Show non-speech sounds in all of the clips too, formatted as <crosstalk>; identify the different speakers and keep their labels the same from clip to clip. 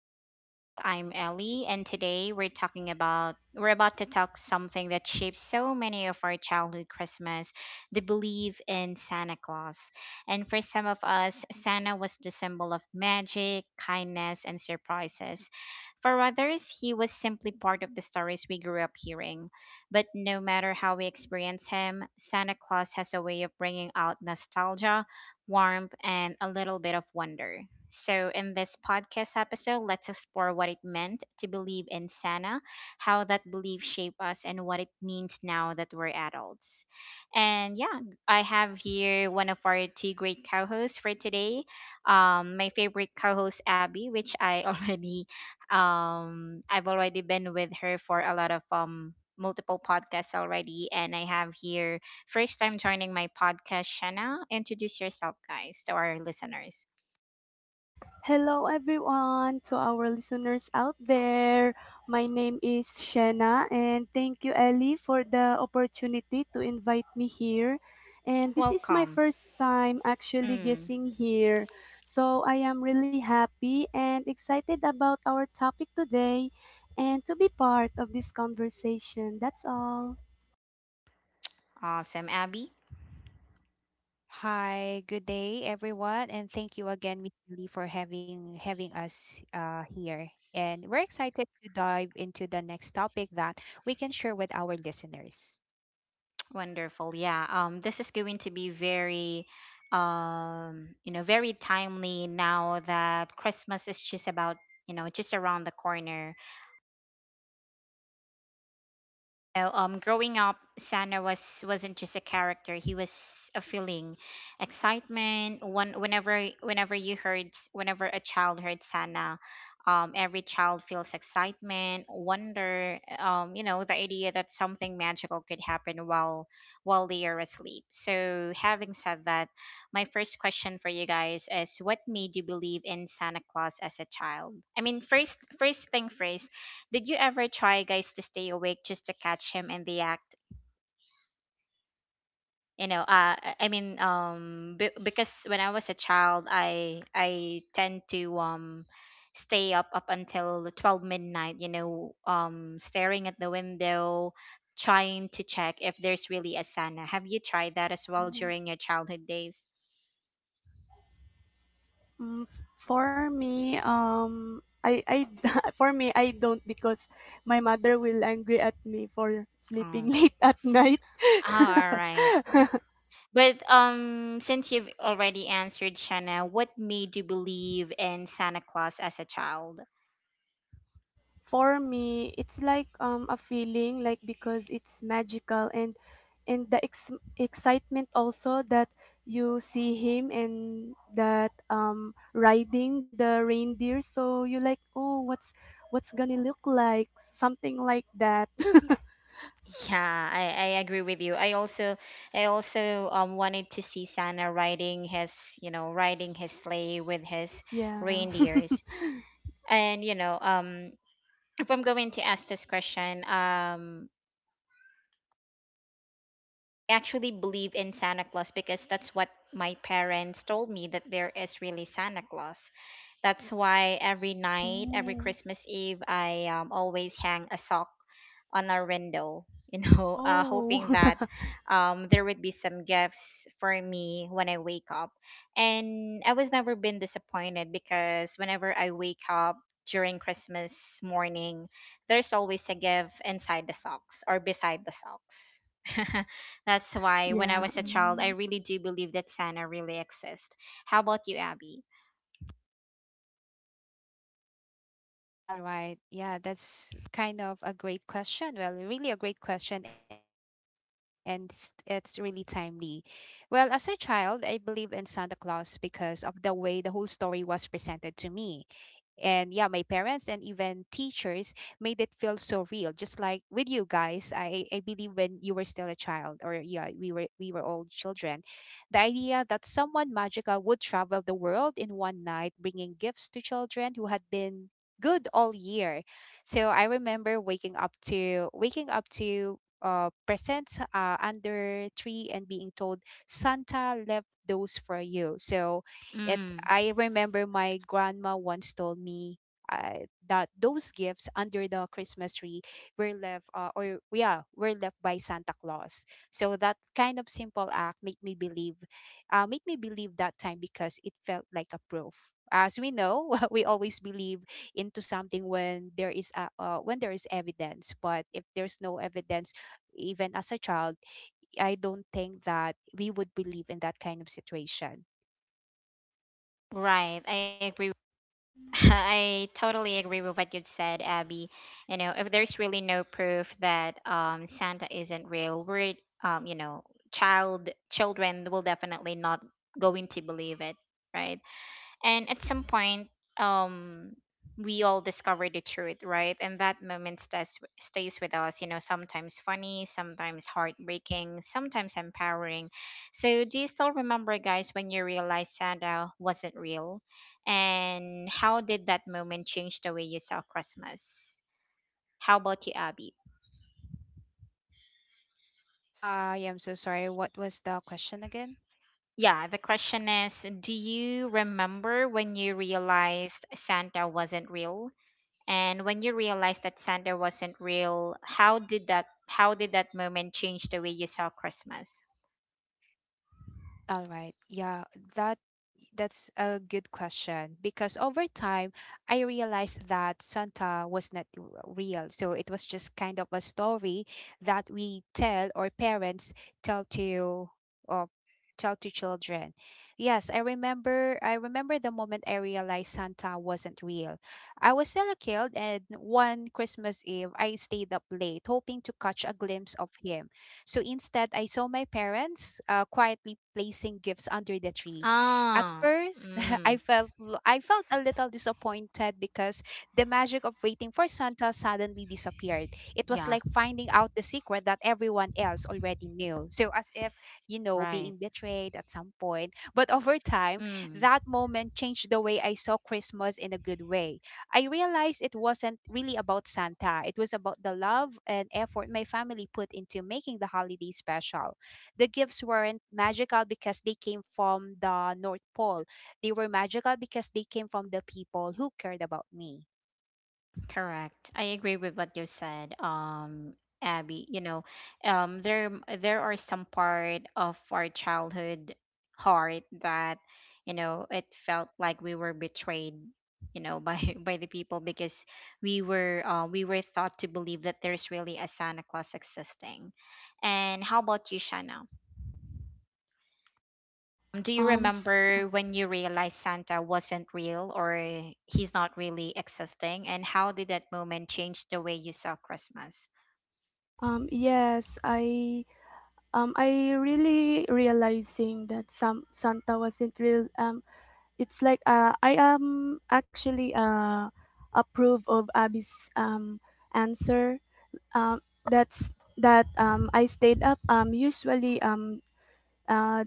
Speaker 1: podcast. I'm Ellie, and today we're about to talk something that shapes so many of our childhood Christmas, the belief in Santa Claus. And for some of us, Santa was the symbol of magic, kindness, and surprises. For others, he was simply part of the stories we grew up hearing. But no matter how we experience him, Santa Claus has a way of bringing out nostalgia, warmth, and a little bit of wonder. So, in this podcast episode, let's explore what it meant to believe in Santa, how that belief shaped us, and what it means now that we're adults. And yeah, I have here one of our two great co hosts for today. My favorite co host, Abby, which I <laughs> already, I've already been with her for a lot of, multiple podcasts already, and I have here, first time joining my podcast, Shanna. Introduce yourself guys to our listeners.
Speaker 2: Hello, everyone, to our listeners out there. My name is Shanna, and thank you, Ellie, for the opportunity to invite me here. And this is my
Speaker 1: Welcome.
Speaker 2: first time actually
Speaker 1: Mm,
Speaker 2: guessing here. So I am really happy and excited about our topic today and to be part of this conversation. That's all.
Speaker 1: awesome, Abby.
Speaker 3: Hi, good day everyone, and thank you again, Miss Lee, for having us here. And we're excited to dive into the next topic that we can share with our listeners.
Speaker 1: <tsk> Wonderful. Yeah. This is going to be very, very timely now that Christmas is just about, you know, just around the corner. Know, growing up, Santa wasn't just a character. He was a feeling, excitement. One whenever whenever you heard whenever a child heard Santa, every child feels excitement, wonder. You know, the idea that something magical could happen while they are asleep. So, having said that, my first question for you guys is: what made you believe in Santa Claus as a child? I mean, first thing first, did you ever try guys to stay awake just to catch him in the act? You know, because when I was a child, I tend to stay up until 12 midnight, you know, staring at the window, trying to check if there's really a Santa. Have you tried that as well during your childhood days?
Speaker 2: Mm, f- for me, I, <laughs> for me, I don't because my mother will angry at me for sleeping
Speaker 1: Oh,
Speaker 2: <laughs> late at night.
Speaker 1: all right.
Speaker 2: <laughs>
Speaker 1: But since you've already answered, Shanna, what made you believe in Santa Claus as a child?
Speaker 2: For me, it's like a feeling like because it's magical and and the ex- excitement also that you see him and that riding the reindeer. So you like, oh, what's gonna look like? Something like that. <laughs>
Speaker 1: Yeah, I agree with you. I also I also wanted to see Santa riding his, you know, riding his sleigh with his
Speaker 2: Yeah. <laughs>
Speaker 1: reindeers. And you know, if I'm going to ask this question, I actually believe in Santa Claus because that's what my parents told me, that there is really Santa Claus. That's why every night, every
Speaker 2: Mm.
Speaker 1: Christmas Eve, I always hang a sock on our window, you know, <laughs>
Speaker 2: Oh,
Speaker 1: hoping that
Speaker 2: <laughs>
Speaker 1: there would be some gifts for me when I wake up. And I was never been disappointed, because whenever I wake up during Christmas morning, there's always a gift inside the socks or beside the socks. <laughs> That's why when I
Speaker 2: yeah.
Speaker 1: was a child, I
Speaker 2: Mm.
Speaker 1: really do believe that Santa really exists. How about you, Abby?
Speaker 3: All right, yeah, that's kind of a great question. Well, really a great question, and it's really timely. Well, as a child, I believed in Santa Claus because of the way the whole story was presented to me. And yeah, my parents and even teachers made it feel so real, just like with you guys. I believe when you were still a child, or yeah, we were all children. The idea that someone magical would travel the world in one night bringing gifts to children who had been good all year. So I remember waking up to presents under tree and being told Santa left those for you. So it
Speaker 1: Mm.
Speaker 3: I remember my grandma once told me that those gifts under the Christmas tree were left or yeah were left by Santa Claus. So that kind of simple act made me believe that time because it felt like a proof. As we know, <laughs> we always believe into something when there is a, when there is evidence. But if there's no evidence, even as a child, I don't think that we would believe in that kind of situation.
Speaker 1: Right, I agree. <laughs> I totally agree with what you said, Abby. You know, if there's really no proof that Santa isn't real, we're you know, children will definitely not going to believe it, right? And at some point, um we all discover the truth, right? And that moment stays with us, you know, sometimes funny, sometimes heartbreaking, sometimes empowering. So do you still remember guys when you realized Santa wasn't real, and how did that moment change the way you saw Christmas? How about you, Abby?
Speaker 3: I am so sorry. What was the question again?
Speaker 1: Yeah, the question is, do you remember when you realized Santa wasn't real? And when you realized that Santa wasn't real, how did that moment change the way you saw Christmas?
Speaker 3: All right. Yeah, that that's a good question because over time I realized that Santa was not real. So it was just kind of a story that we tell, or parents tell to, or tell to children. Yes, I remember the moment I realized Santa wasn't real. I was still a kid, and one Christmas Eve I stayed up late hoping to catch a glimpse of him. So instead, I saw my parents quietly placing gifts under the tree. At
Speaker 1: Ah,
Speaker 3: first, <laughs> I
Speaker 1: mm,
Speaker 3: felt I felt a little disappointed because the magic of waiting for Santa suddenly disappeared. It was
Speaker 1: yeah,
Speaker 3: like finding out the secret that everyone else already knew. So as if, you know,
Speaker 1: right.
Speaker 3: being betrayed at some point. But over time,
Speaker 1: Mm.
Speaker 3: that moment changed the way I saw Christmas in a good way. I realized it wasn't really about Santa. It was about the love and effort my family put into making the holiday special. The gifts weren't magical because they came from the North Pole. They were magical because they came from the people who cared about me.
Speaker 1: Correct. I agree with what you said, Abby. You know, um, there there are some part of our childhood heart that, you know, it felt like we were betrayed, you know, by <laughs> by the people, because we were thought to believe that there's really a Santa Claus existing. And how about you, Shanna? Do you
Speaker 2: Um, f-
Speaker 1: remember when you realized Santa wasn't real, or he's not really existing? And how did that moment change the way you saw Christmas?
Speaker 2: yes, I really realizing that some Santa wasn't real. It's like I am actually approve of Abby's answer. Um, that's that I stayed up. Usually uh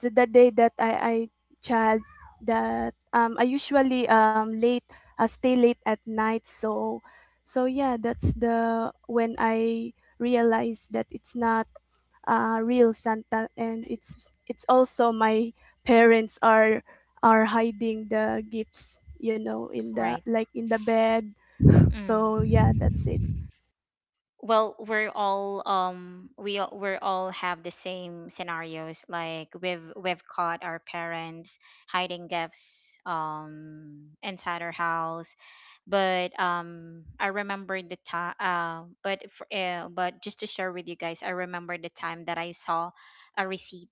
Speaker 2: to the day that I child that I usually late stay late at night, so so yeah, that's the when I realized that it's not real Santa, and it's also my parents are hiding the gifts, you know, in the
Speaker 1: Right.
Speaker 2: like in the bed. So yeah, that's it.
Speaker 1: Mm. Well, we're all have the same scenarios. Like, we've caught our parents hiding gifts inside our house. But I remember the time, but just to share with you guys, I remember the time that I saw a receipt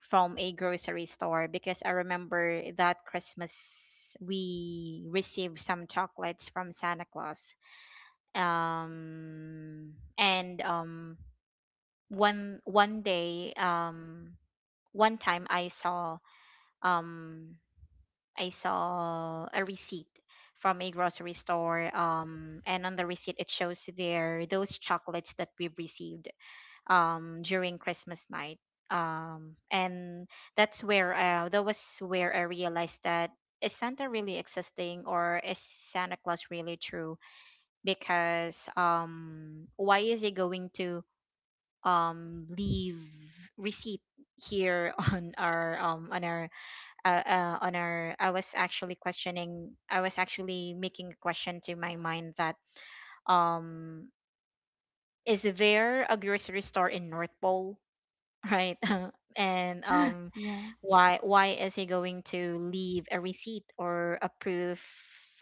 Speaker 1: from a grocery store, because I remember that Christmas we received some chocolates from Santa Claus. Um and One one day, one time, I saw, um I saw a receipt from a grocery store, and on the receipt it shows there those chocolates that we've received during Christmas night. And That's where, that was where I realized that, is Santa really existing, or is Santa Claus really true? Because why is he going to leave receipt here? <laughs> On our on our, on our, I was actually questioning, I was actually making a question to my mind, that um is there a grocery store in North Pole? <laughs> Right. <laughs> And
Speaker 2: Yeah.
Speaker 1: why is he going to leave a receipt or a proof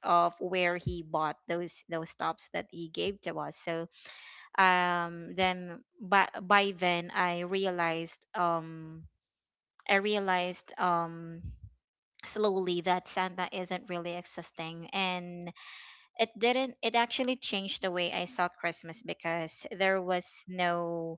Speaker 1: of where he bought those stops that he gave to us? So then by then I realized, I realized, slowly, that Santa isn't really existing. And it didn't, it actually changed the way I saw Christmas, because there was no,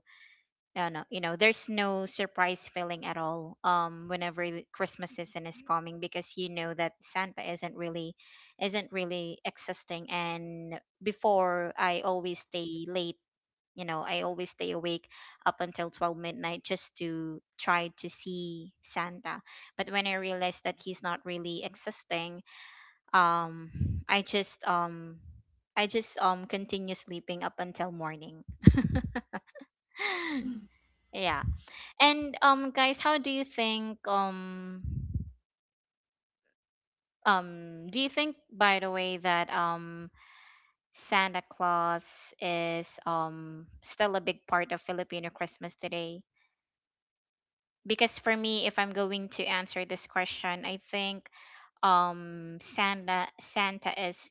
Speaker 1: no, you know, there's no surprise feeling at all whenever the Christmas season is coming, because you know that Santa isn't really existing. And before, I always stay late, you know, I always stay awake up until 12 midnight just to try to see Santa. But when I realized that he's not really existing, um I just, I just continue sleeping up until morning. <laughs> Yeah. And guys, how do you think do you think, by the way, that Santa Claus is still a big part of Filipino Christmas today? Because for me, if I'm going to answer this question, I think, Santa is,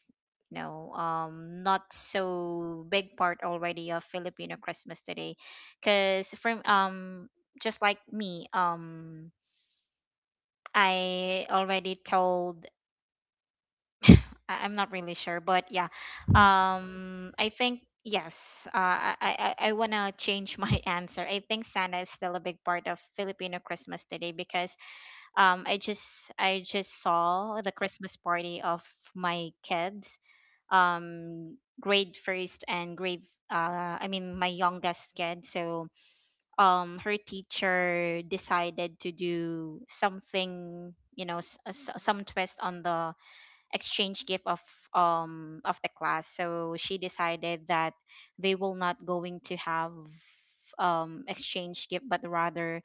Speaker 1: you know, not so big part already of Filipino Christmas today, because from, just like me, I already told, <laughs> I'm not really sure. But yeah,
Speaker 2: Mm.
Speaker 1: I think yes, I want to change my <laughs> answer. I think Santa is still a big part of Filipino Christmas today, because I just saw the Christmas party of my kids, grade first and grade, I mean my youngest kid. So her teacher decided to do something, you know, some twist on the exchange gift of the class. So she decided that they will not going to have exchange gift, but rather,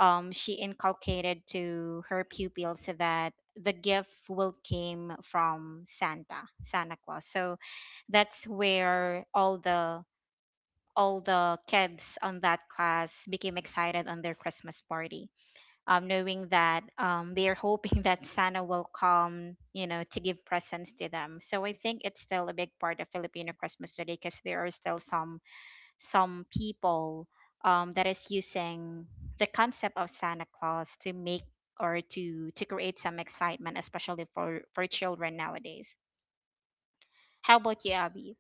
Speaker 1: she inculcated to her pupils that the gift will came from Santa, Santa Claus. So that's where all the, all the kids on that class became excited on their Christmas party, knowing that they are hoping <laughs> that Santa will come, you know, to give presents to them. So I think it's still a big part of Filipino Christmas today, because there are still some people that is using the concept of Santa Claus to make, or to create some excitement, especially for children nowadays. How about you, Abby?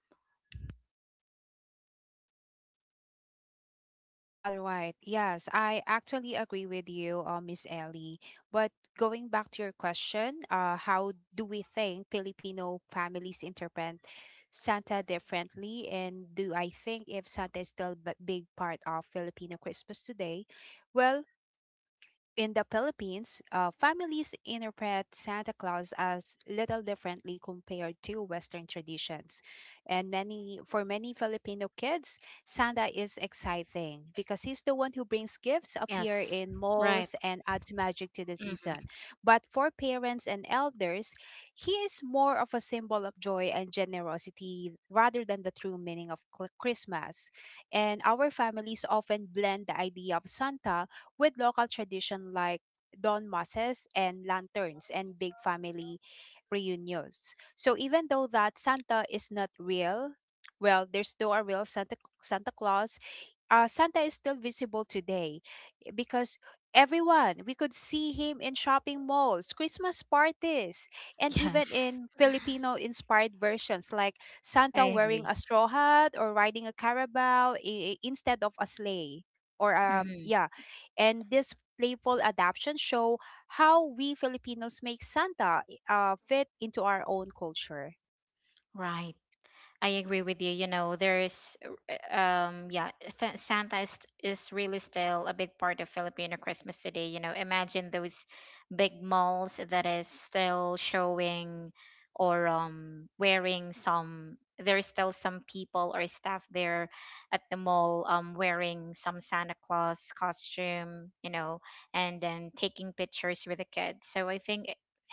Speaker 3: All right. Yes, I actually agree with you, Miss Ellie. But going back to your question, how do we think Filipino families interpret Santa differently? And do I think if Santa is still a big part of Filipino Christmas today? Well, in the Philippines, families interpret Santa Claus as little differently compared to Western traditions. And many for many Filipino kids, Santa is exciting because he's the one who brings gifts,
Speaker 1: Yes.
Speaker 3: appear in
Speaker 1: Right.
Speaker 3: malls, and adds magic to the
Speaker 1: Hmm. <laughs>
Speaker 3: season. But for parents and elders, he is more of a symbol of joy and generosity rather than the true meaning of Christmas. And our families often blend the idea of Santa with local tradition like dawn masses and lanterns and big family reunions. So even though that Santa is not real, well, there's still a real Santa Claus, Santa is still visible today because everyone, we could see him in shopping malls, Christmas parties, and even
Speaker 1: Yes.
Speaker 3: in Filipino inspired versions like
Speaker 1: I
Speaker 3: Santa wearing
Speaker 1: agree.
Speaker 3: a straw hat or riding a carabao instead of a sleigh. Or,
Speaker 1: Hmm.
Speaker 3: yeah. And this playful adaptation show how we Filipinos make Santa fit into our own culture.
Speaker 1: Right. I agree with you. You know, there's, yeah, Santa is really still a big part of Filipino Christmas today. You know, imagine those big malls that is still showing or wearing some. There's still some people or staff there at the mall wearing some Santa Claus costume. You know, and then taking pictures with the kids. So I think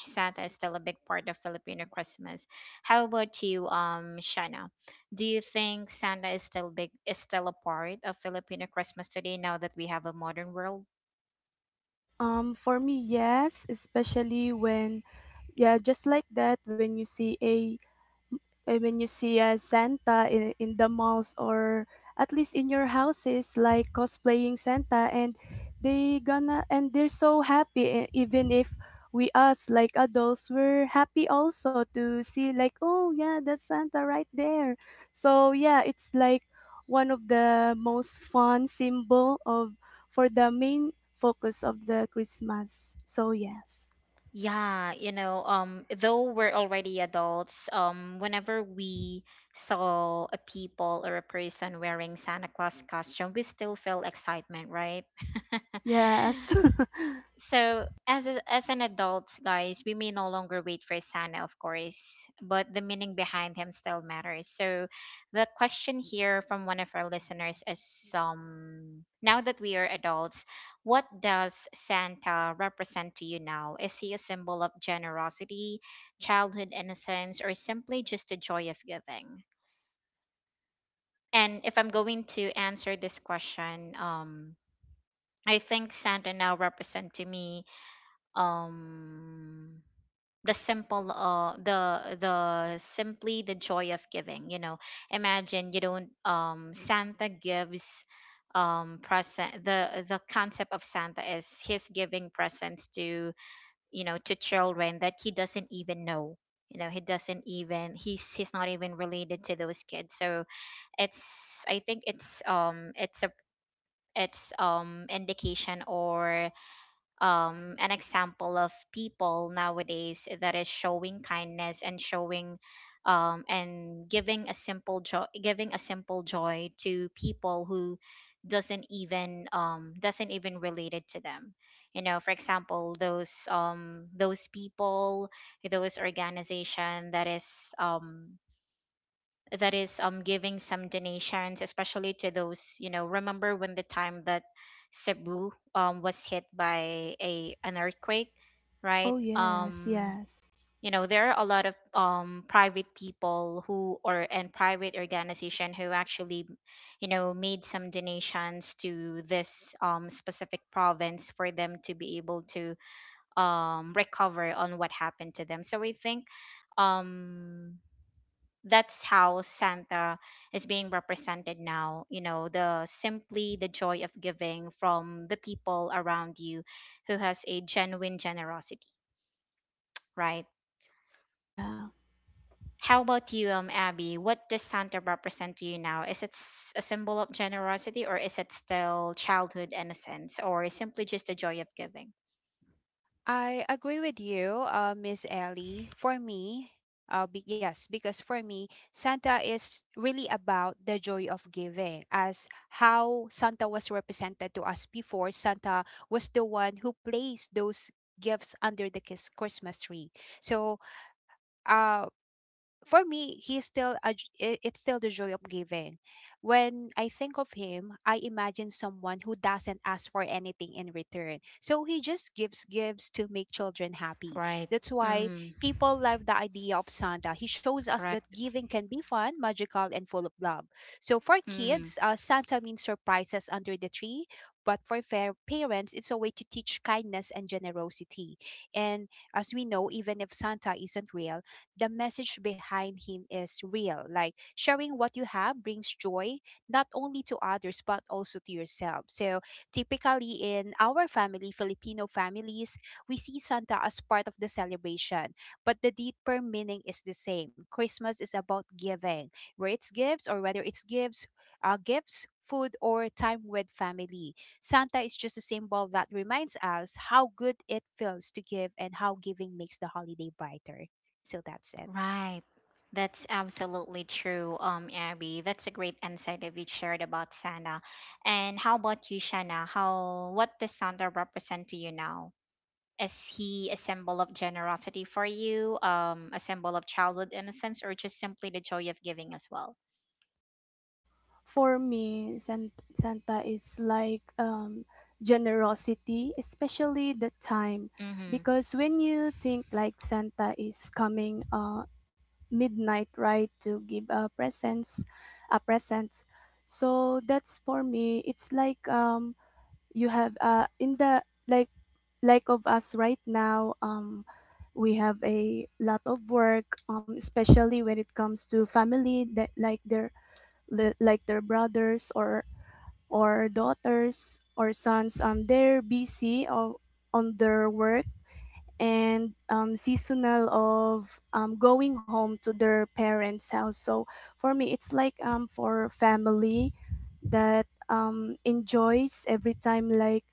Speaker 1: Santa is still a big part of Filipino Christmas. How about you, Shana? Do you think Santa is still a part of Filipino Christmas today, now that we have a modern world?
Speaker 2: For me, yes, especially when yeah, just like that when you see a and when you see a Santa in the malls or at least in your houses, like cosplaying Santa, and they gonna and they're so happy. Even if we us like adults, we're happy also to see like, oh yeah, that's Santa right there. So yeah, it's like one of the most fun symbol of for the main focus of the Christmas. So yes.
Speaker 1: Yeah, you know, though we're already adults, whenever we saw a people or a person wearing Santa Claus costume, we still feel excitement, right? <laughs>
Speaker 2: Yes.
Speaker 1: So as a, as an adult, guys, we may no longer wait for Santa, of course, but the meaning behind him still matters. So the question here from one of our listeners is, now that we are adults, what does Santa represent to you now? Is he a symbol of generosity, childhood innocence, or simply just the joy of giving? And if I'm going to answer this question, I think Santa now represent to me, um the simply the joy of giving. Imagine you don't, Santa gives, present, the concept of Santa is he's giving presents to, to children that he doesn't even know. He doesn't even, he's not even related to those kids, so it's, I think it's, it's a, it's indication, or an example of people nowadays that is showing kindness and showing, and giving a simple joy, giving a simple joy to people who doesn't even, doesn't even relate it to them. For example, those, those people, those organization that is, that is giving some donations, especially to those, remember when the time that Cebu was hit by a an earthquake,
Speaker 2: <laughs>
Speaker 1: right?
Speaker 2: Oh yes, yes,
Speaker 1: There are a lot of private people who, or and private organization who actually, made some donations to this specific province for them to be able to recover on what happened to them, so I think, um that's how Santa is being represented now. The simply the joy of giving from the people around you who has a genuine generosity, right?
Speaker 2: yeah.
Speaker 1: How about you, Abby? What does Santa represent to you now? Is it a symbol of generosity, or is it still childhood innocence, or simply just the joy of giving?
Speaker 3: I agree with you, Miss Ellie. For me, yes, because for me, Santa is really about the joy of giving. As how Santa was represented to us before, Santa was the one who placed those gifts under the Christmas tree. So, uh, for me, he's still it's still the joy of giving. When I think of him, I imagine someone who doesn't ask for anything in return. So he just gives to make children happy.
Speaker 1: Right.
Speaker 3: That's why
Speaker 1: Mm,
Speaker 3: people love the idea of Santa. He shows us that
Speaker 1: correct.
Speaker 3: giving can be fun, magical, and full of love. So for
Speaker 1: Mm-hmm.
Speaker 3: kids, Santa means surprises under the tree. But for fair parents, it's a way to teach kindness and generosity. And as we know, even if Santa isn't real, the message behind him is real. Like sharing what you have brings joy not only to others but also to yourself. So typically in our family, Filipino families, we see Santa as part of the celebration, but the deeper meaning is the same. Christmas is about giving, where it's gifts or whether it's gifts, food, or time with family. Santa is just a symbol that reminds us how good it feels to give and how giving makes the holiday brighter. So that's it.
Speaker 1: Right. That's absolutely true, Abby. That's a great insight that we shared about Santa. And how about you, Shanna? How What does Santa represent to you now? Is he a symbol of generosity for you, a symbol of childhood innocence, or just simply the joy of giving as well?
Speaker 2: For me, Santa is like generosity, especially the time
Speaker 1: Mm-hmm.
Speaker 2: because when you think like Santa is coming midnight, right, to give a presents. So that's for me. It's like you have in the like like of us right now. We have a lot of work, especially when it comes to family that like their like their brothers or daughters or sons. They're busy of, on their work, and seasonal of going home to their parents house. So for me, it's like for family that enjoys every time like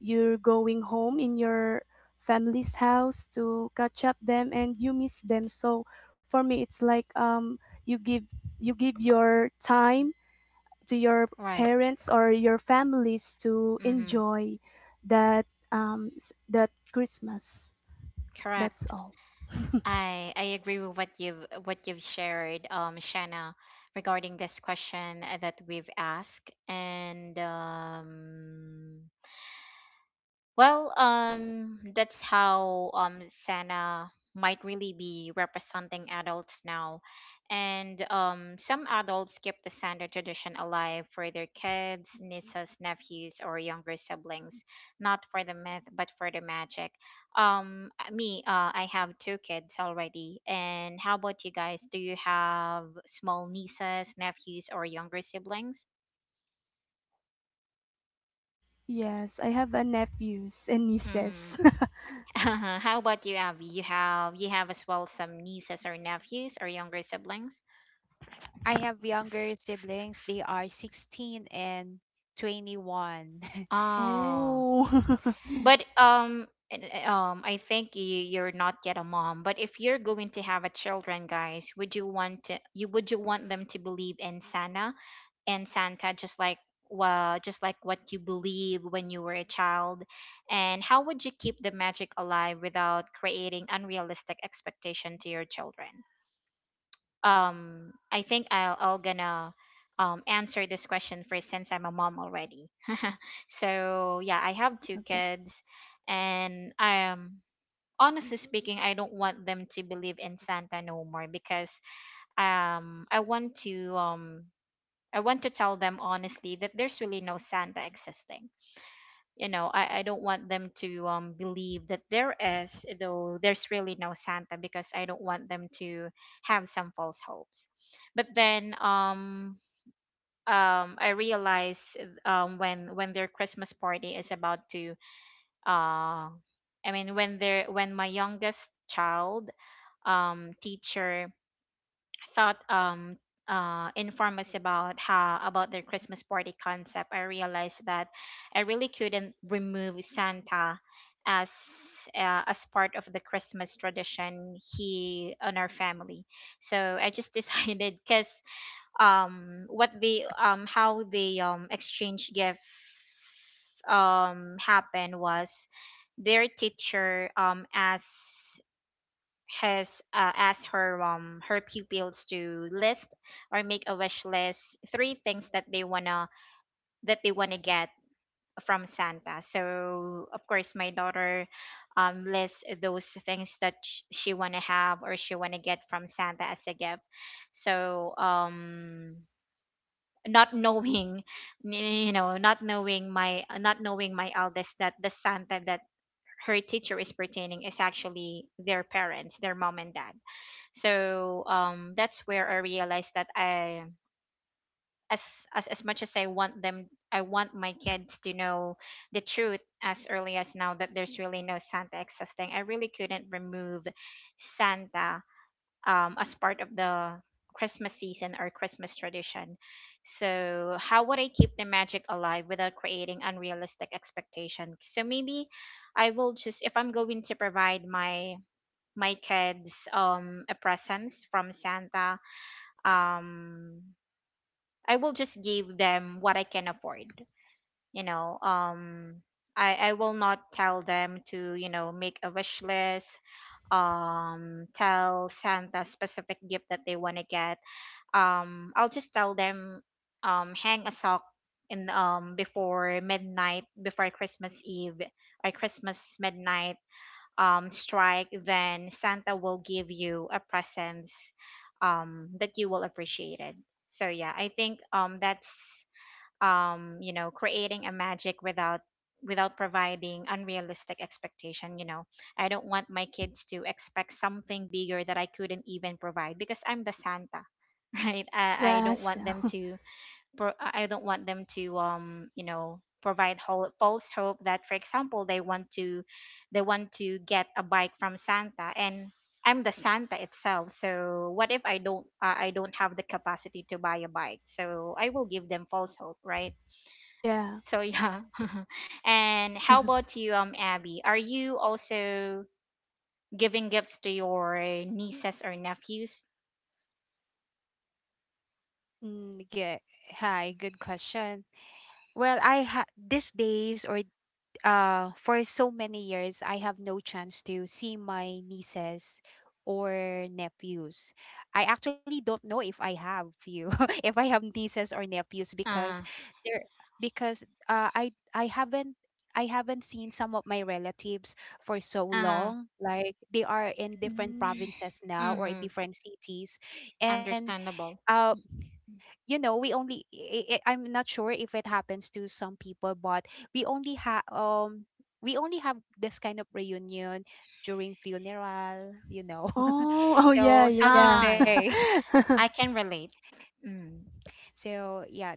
Speaker 2: you're going home in your family's house to catch up them and you miss them. So for me, it's like you give you give your time to your
Speaker 1: Right.
Speaker 2: parents or your families to
Speaker 1: Mm-hmm.
Speaker 2: enjoy that that Christmas. That's
Speaker 1: Correct.
Speaker 2: all. <laughs>
Speaker 1: I agree with what you've shared, Shanna, regarding this question, that we've asked. And, well, that's how Santa might really be representing adults now, and, some adults keep the Santa tradition alive for their kids, nieces, nephews, or younger siblings, not for the myth but for the magic. Me, I have two kids already, and how about you guys? Do you have small nieces, nephews, or younger siblings?
Speaker 2: Yes, I have a nephews and
Speaker 1: Mm-hmm.
Speaker 2: nieces.
Speaker 1: Uh-huh. How about you, Abby? You have as well some nieces or nephews or younger siblings?
Speaker 3: I have younger siblings. They are 16 and 21.
Speaker 2: <laughs>
Speaker 1: Oh,
Speaker 2: Oh, <laughs>
Speaker 1: but, I think you're not yet a mom. But if you're going to have a children, guys, would you want to, you would you want them to believe in Santa and Santa, just like, well, just like what you believe when you were a child? And how would you keep the magic alive without creating unrealistic expectation to your children? I think I'll gonna answer this question first since I'm a mom already. <laughs> So yeah, I have two
Speaker 2: okay.
Speaker 1: kids, and, honestly speaking, I don't want them to believe in Santa no more, because um I want to um I want to tell them honestly that there's really no Santa existing. I don't want them to believe that there is, though there's really no Santa, because I don't want them to have some false hopes. But then, I realize, when their Christmas party is about to, uh I mean, when they're, when my youngest child teacher thought, informed us about how about their Christmas party concept, I realized that I really couldn't remove Santa as, as part of the Christmas tradition he on our family. So I just <laughs> decided, because what the, how the exchange gift happened was, their teacher asked, has, asked her, her pupils to list or make a wish list, three things that they wanna get from Santa. So of course my daughter lists those things that she wanna have or she wanna get from Santa as a gift. So, not knowing, <laughs> not knowing my eldest that the Santa that her teacher is pertaining is actually their parents, their mom and dad. So, that's where I realized that I, as, as much as I want them, I want my kids to know the truth as early as now that there's really no Santa existing. I really couldn't remove Santa, as part of the Christmas season or Christmas tradition. So, how would I keep the magic alive without creating unrealistic expectation? So maybe I will just, if I'm going to provide my kids a presents from Santa, um I will just give them what I can afford. You know, um I will not tell them to, make a wish list, tell Santa specific gift that they want to get. I'll just tell them, hang a sock in, before midnight, before Christmas Eve or Christmas midnight, strike, then Santa will give you a presents, that you will appreciate it. So yeah, I think that's, creating a magic without providing unrealistic expectation. I don't want my kids to expect something bigger that I couldn't even provide, because I'm the Santa. <laughs> Right? I don't
Speaker 2: Yes.
Speaker 1: want them to, I don't want them to, provide whole, false hope that, for example, they want to, get a bike from Santa, and I'm the Santa itself, so what if I don't, I don't have the capacity to buy a bike, so I will give them false hope, right?
Speaker 2: Yeah.
Speaker 1: So yeah. <laughs> And how
Speaker 2: <laughs>
Speaker 1: about you, Abby? Are you also giving gifts to your nieces or nephews?
Speaker 3: <laughs> mm, good. Hi, good question. Well, these days, or for so many years, I have no chance to see my nieces or nephews. I actually don't know if I have few, <laughs> if I have nieces or nephews because
Speaker 1: Uh,
Speaker 3: they're because I haven't I haven't seen some of my relatives for so
Speaker 1: uh,
Speaker 3: long. Like they are in different
Speaker 2: Mm.
Speaker 3: provinces now or
Speaker 1: mm-hmm.
Speaker 3: different cities, and
Speaker 1: Understandable.
Speaker 3: uh, you know, we only I'm not sure if it happens to some people, but we only have um we only have this kind of reunion during funeral, you know.
Speaker 2: Oh, oh
Speaker 3: <laughs>
Speaker 2: yeah,
Speaker 3: So sad to
Speaker 2: yeah.
Speaker 1: Ah, yeah.
Speaker 3: say.
Speaker 2: <laughs>
Speaker 1: I can relate. Mm,
Speaker 3: <laughs> So yeah,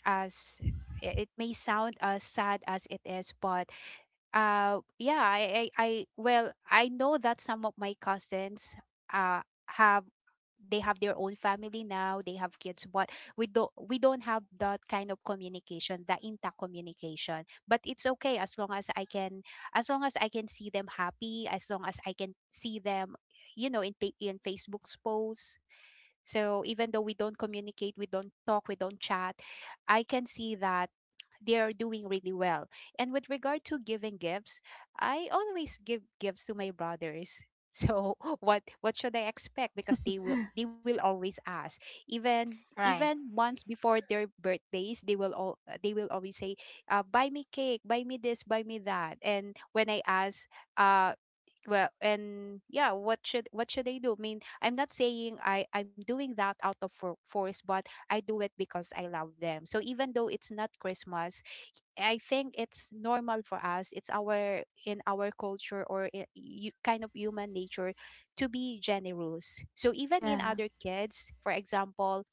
Speaker 3: as it may sound as sad as it is, but I well, I know that some of my cousins uh have they have their own family now, they have kids, but we don't have that kind of communication, the intact communication. But it's okay. As long as I can, see them happy, as long as I can see them, you know, in Facebook's posts. So even though we don't communicate, we don't talk, we don't chat, I can see that they are doing really well. And with regard to giving gifts, I always give gifts to my brothers. <laughs> So what should I expect? Because they will always ask. Even
Speaker 1: right,
Speaker 3: even months before their birthdays, they will always say, "Buy me cake, buy me this, buy me that." And when I ask, uh, well, and yeah, what should I do? I mean, I'm not saying I'm doing that out of force, but I do it because I love them. So even though it's not Christmas, I think it's normal for us. It's our in our culture, or you, kind of human nature to be generous. So even in
Speaker 2: Yeah.
Speaker 3: other kids, for example,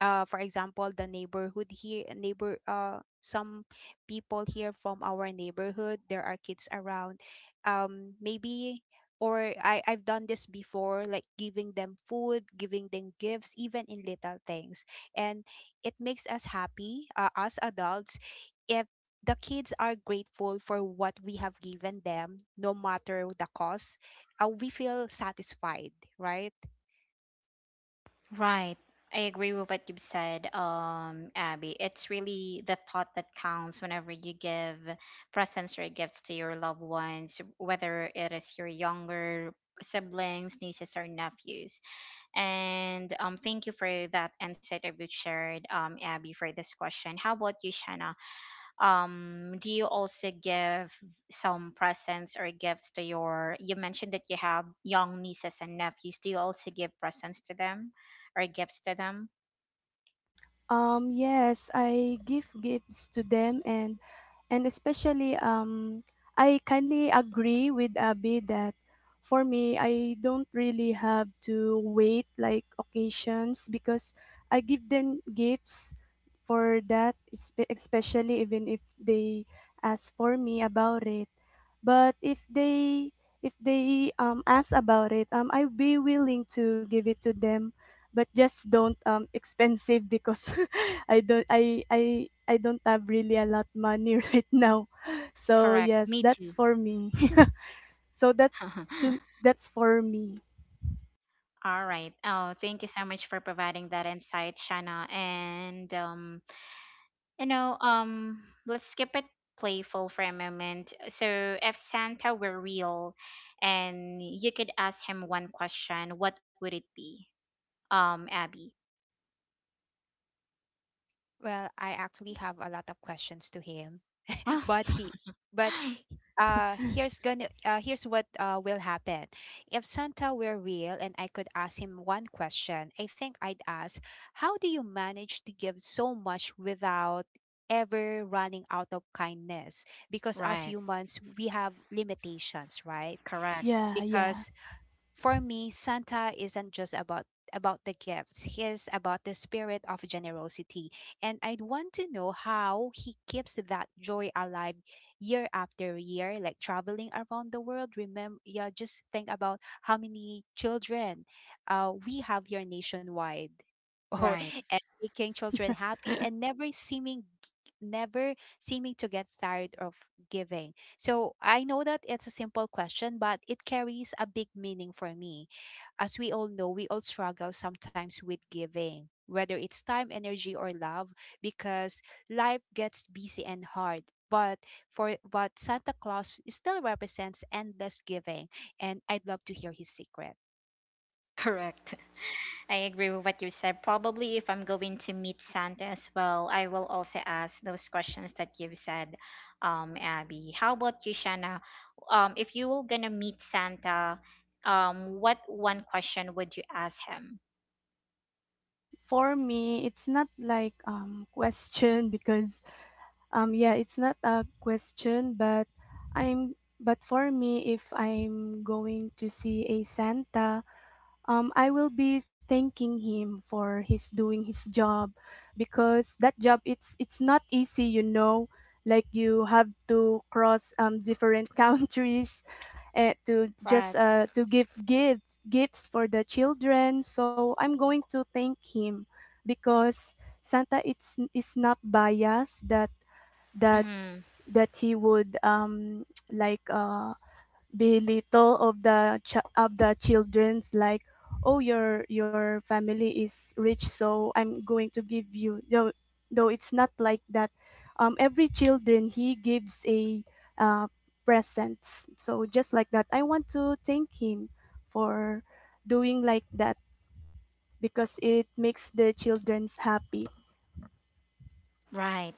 Speaker 3: the neighborhood here, neighbor, some people here from our neighborhood, there are kids around, maybe or I've done this before, like giving them food, giving them gifts, even in little things. And it makes us happy, us adults, if the kids are grateful for what we have given them, no matter the cost, we feel satisfied, right?
Speaker 1: right. I agree with what you've said, Abby. It's really the thought that counts whenever you give presents or gifts to your loved ones, whether it is your younger siblings, nieces, or nephews. And, thank you for that insight that you shared, Abby, for this question. How about you, Shanna? Do you also give some presents or gifts to your? You mentioned that you have young nieces and nephews. Do you also give presents to them or gifts to them?
Speaker 2: Yes, I give gifts to them, and especially um, I kindly agree with Abby that for me, I don't really have to wait like occasions because I give them gifts for that especially, even if they ask for me about it. But if they um, ask about it, um, I'll be willing to give it to them, but just don't um, expensive because <laughs> I don't have really a lot money <laughs> right now. So
Speaker 1: Correct.
Speaker 2: yes,
Speaker 1: Me
Speaker 2: that's
Speaker 1: too.
Speaker 2: for me. <laughs> So
Speaker 1: <laughs>
Speaker 2: that's for me.
Speaker 1: All right. Oh, thank you so much for providing that insight, Shanna. And, you know, let's skip it playful for a moment. So, if Santa were real and you could ask him one question, what would it be? Abby.
Speaker 3: Well, I actually have a lot of questions to him. But he
Speaker 1: <laughs>
Speaker 3: but here's gonna Here's what will happen. If Santa were real and I could ask him one question, I think I'd ask, how do you manage to give so much without ever running out of kindness? Because as
Speaker 1: Right.
Speaker 3: humans we have limitations, right?
Speaker 1: Correct.
Speaker 2: Yeah, yeah.
Speaker 3: Because for me, Santa isn't just about the gifts. He is about the spirit of generosity, and I'd want to know how he keeps that joy alive year after year, like traveling around the world. Remember, yeah, just think about how many children we have here nationwide, <laughs> or
Speaker 1: Right.
Speaker 3: and making children happy and never seeming, never seeming to get tired of giving. So I know that it's a simple question, but it carries a big meaning for me. As we all know, we all struggle sometimes with giving, whether it's time, energy, or love, because life gets busy and hard. But for but Santa Claus still represents endless giving, and I'd love to hear his secret.
Speaker 1: Correct. I agree with what you said. Probably if I'm going to meet Santa as well, I will also ask those questions that you've said, Abby. How about you, Shanna? If you were gonna meet Santa, what one question would you ask him?
Speaker 2: For me, it's not like um, question because um, yeah, it's not a question, but I'm but for me, if I'm going to see a Santa I will be thanking him for his doing his job because that job, it's not easy, you know. Like you have to cross different <laughs> countries
Speaker 1: Right.
Speaker 2: to give gifts for the children. So I'm going to thank him because Santa it's is not biased that
Speaker 1: Mm,
Speaker 2: that he would um, <tsk> like uh, belittle of the of the children's like, oh, your family is rich, so I'm going to give you. Though it's not like that, um, every children he gives a uh presents. So just like that, I want to thank him for doing like that because it makes the children's happy.
Speaker 1: right.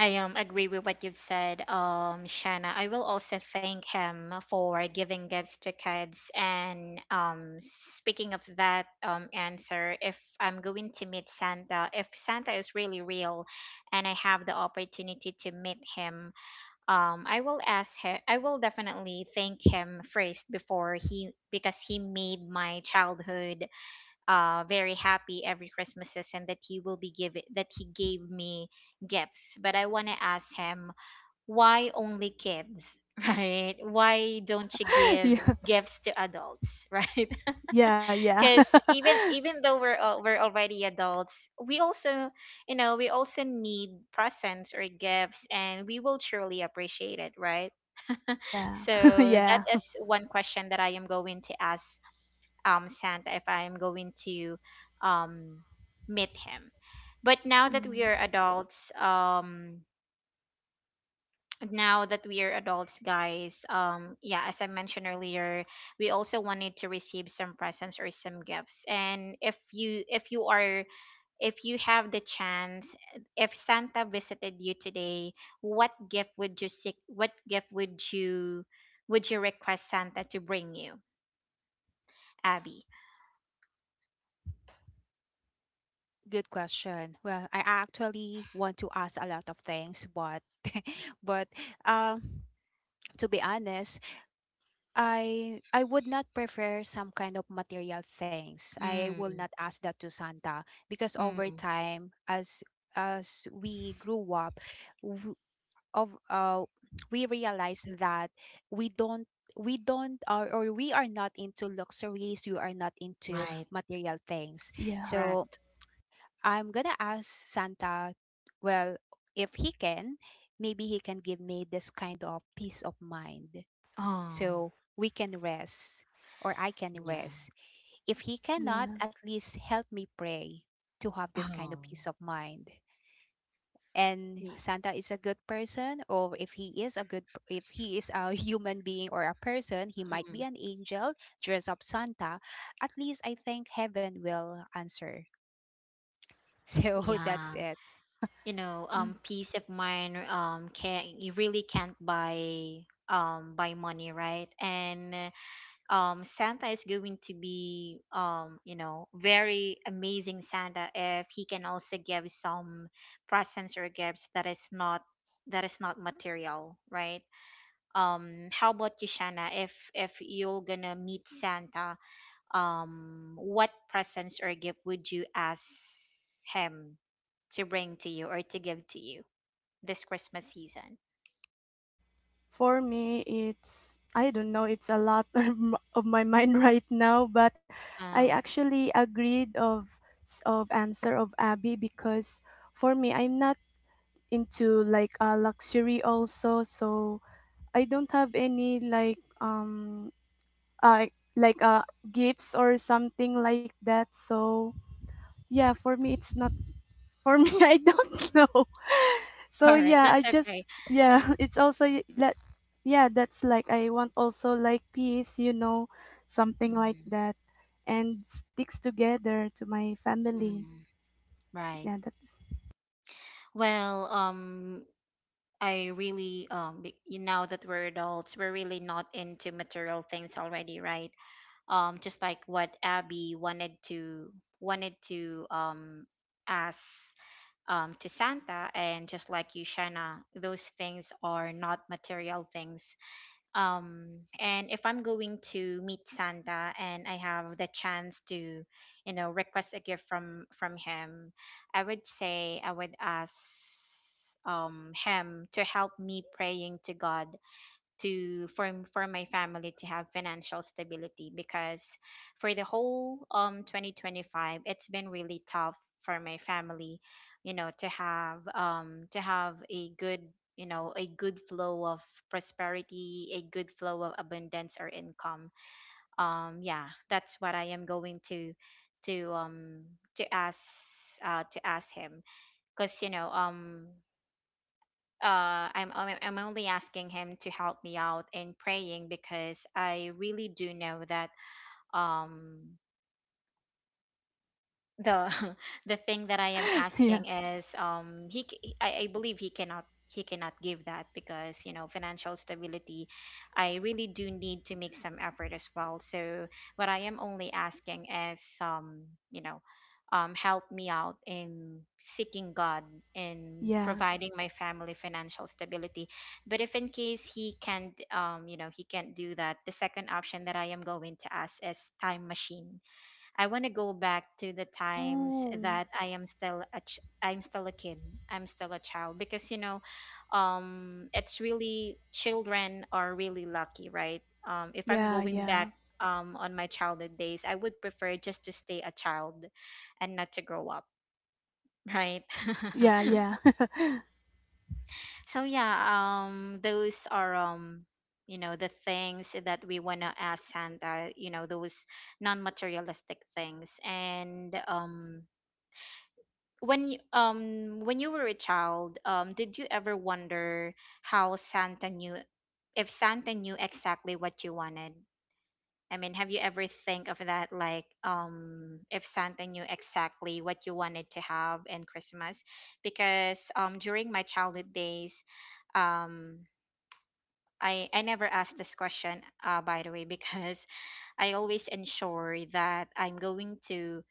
Speaker 1: I agree with what you've said, Shanna. I will also thank him for giving gifts to kids. And, speaking of that answer, if I'm going to meet Santa, if Santa is really real, and I have the opportunity to meet him, I will ask him. I will definitely thank him first before he, because he made my childhood, very happy every Christmases, and that he will be giving, that he gave me gifts. But I want to ask him, why only kids? <laughs> Right? Why don't you
Speaker 2: <laughs>
Speaker 1: give
Speaker 2: Yeah.
Speaker 1: gifts to adults? <laughs> Right?
Speaker 2: Yeah. Yeah.
Speaker 1: Because even
Speaker 2: <laughs>
Speaker 1: even though, we're already adults, we also, we also need presents or gifts, and we will truly appreciate it, right? <laughs>
Speaker 2: Yeah. <laughs>
Speaker 1: So that
Speaker 2: Yeah.
Speaker 1: is one question that I am going to ask, Santa, if I am going to, um, meet him. But now that we
Speaker 2: Mm.
Speaker 1: are adults, <tsk> now that we are adults, guys, yeah, as I mentioned earlier, we also wanted to receive some presents or some gifts. And if you have the chance, if Santa visited you today, what gift would you seek? What gift would you request Santa to bring you, Abby?
Speaker 3: Good question. Well, I actually want to ask a lot of things, but But um, to be honest, I would not prefer some kind of material things. I will
Speaker 1: Mm,
Speaker 3: not ask that to Santa because over
Speaker 1: mm,
Speaker 3: time, as we grew up, w- of we realized that we don't we don't or we are not into luxuries. We are not into
Speaker 1: right,
Speaker 3: material things.
Speaker 2: Yeah,
Speaker 3: So
Speaker 1: correct.
Speaker 3: I'm gonna ask Santa, well, if he can, maybe he can give me this kind of peace of mind
Speaker 1: Oh,
Speaker 3: so we can rest or I can
Speaker 1: yeah.
Speaker 3: rest. If he cannot,
Speaker 2: yeah.
Speaker 3: at least help me pray to have this kind of
Speaker 1: Oh,
Speaker 3: peace of mind. And
Speaker 1: y-
Speaker 3: Santa is a good person, or if he is a good, if he is a <laughs> human being or a person, he might be
Speaker 1: mm,
Speaker 3: an angel dress up Santa. At least I think heaven will answer. <laughs> So that's
Speaker 1: yeah.
Speaker 3: it.
Speaker 1: Peace of mind. Can you really can't buy buy money, right? And Santa is going to be, very amazing Santa if he can also give some presents or gifts that is not, material, right? How about you, Shana? If you're gonna meet Santa, what presents or gift would you ask him to bring to you or to give to you this Christmas season?
Speaker 2: For me, it's I don't know. It's a lot <laughs> of my mind right now, but I
Speaker 1: uh,
Speaker 2: actually agreed of answer of Abby because for me, I'm not into like luxury also. So I don't have any like um, uh, like uh, gifts or something like that. So yeah, for me, it's not. For me, <laughs> I don't know. <laughs>
Speaker 1: <laughs>
Speaker 2: So
Speaker 1: all right,
Speaker 2: yeah, I
Speaker 1: that's okay.
Speaker 2: just yeah, <laughs> it's also that. Yeah, that's like I want also like peace, you know, something like
Speaker 1: Mm,
Speaker 2: that, and sticks together to my family.
Speaker 1: mm, right.
Speaker 2: Yeah, that's
Speaker 1: Well, I really you know that we're adults, we're really not into material things already, right? Just like what Abby wanted to wanted to um ask to Santa, and just like you Shanna, those things are not material things. um and if I'm going to meet Santa and I have the chance to, you know, request a gift from him, I would say I would ask him to help me praying to God to for my family to have financial stability, because for the whole 2025 it's been really tough for my family, you know, to have a good, you know, a good flow of prosperity, a good flow of abundance or income. Yeah, that's what I am going to to um to ask, to ask him. Because you know, I'm only asking him to help me out in praying, because I really do know that um the <laughs> the thing that I am
Speaker 2: <laughs> yeah.
Speaker 1: asking is, I believe he cannot give that, because you know, financial stability, I really do need to make some effort as well. So what I am only asking is, you know, help me out in seeking God in
Speaker 2: Yeah.
Speaker 1: providing my family financial stability. But if in case he can't, you know, he can't do that, the second option that I am going to ask is time machine. I want to go back to the times
Speaker 2: Oh.
Speaker 1: that I'm still a kid. I'm still a child, because you know, it's really children are really lucky, right? If I'm
Speaker 2: Yeah,
Speaker 1: going back
Speaker 2: yeah.
Speaker 1: on my childhood days, I would prefer just to stay a child and not to grow up, right?
Speaker 2: Yeah,
Speaker 1: <laughs>
Speaker 2: yeah.
Speaker 1: So yeah, those are. You know, the things that we want to ask Santa, you know, those non materialistic things. And When you, when you were a child, did you ever wonder how Santa knew, if Santa knew exactly what you wanted? I mean, have you ever think of that, like if Santa knew exactly what you wanted to have in Christmas? Because during my childhood days, um I never asked this question, by the way, because <laughs> I always ensure that I'm going to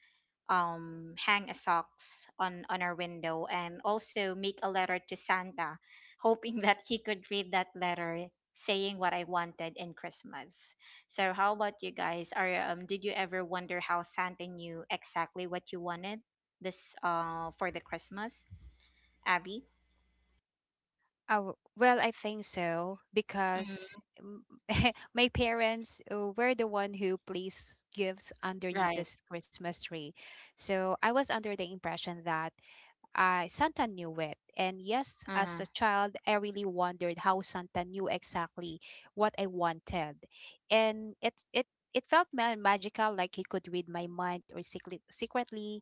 Speaker 1: hang a socks on our window, and also make a letter to Santa, <laughs> hoping that he could read that letter saying what I wanted in Christmas. So how about you guys? Are Did you ever wonder how Santa knew exactly what you wanted this for the Christmas, Abby?
Speaker 3: Oh, well, I think so because
Speaker 1: Mm,
Speaker 3: m- <laughs> my parents were the one who placed gifts underneath
Speaker 1: right.
Speaker 3: this Christmas tree. So I was under the impression that Santa knew it. And yes, as a
Speaker 1: Uh-huh.
Speaker 3: child, I really wondered how Santa knew exactly what I wanted. And it felt magical, like he could read my mind or secretly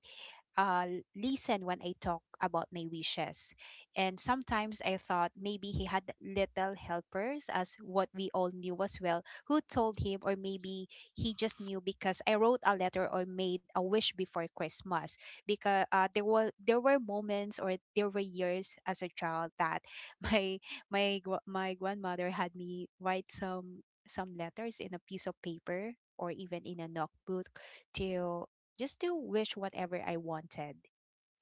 Speaker 3: uh, listen when I talk about my wishes. And sometimes I thought maybe he had little helpers, as what we all knew as well, who told him, or maybe he just knew because I wrote a letter or made a wish before Christmas. Because there were moments or there were years as a child that <laughs> my my grandmother had me write some letters in a piece of paper or even in a notebook to just to wish whatever I wanted.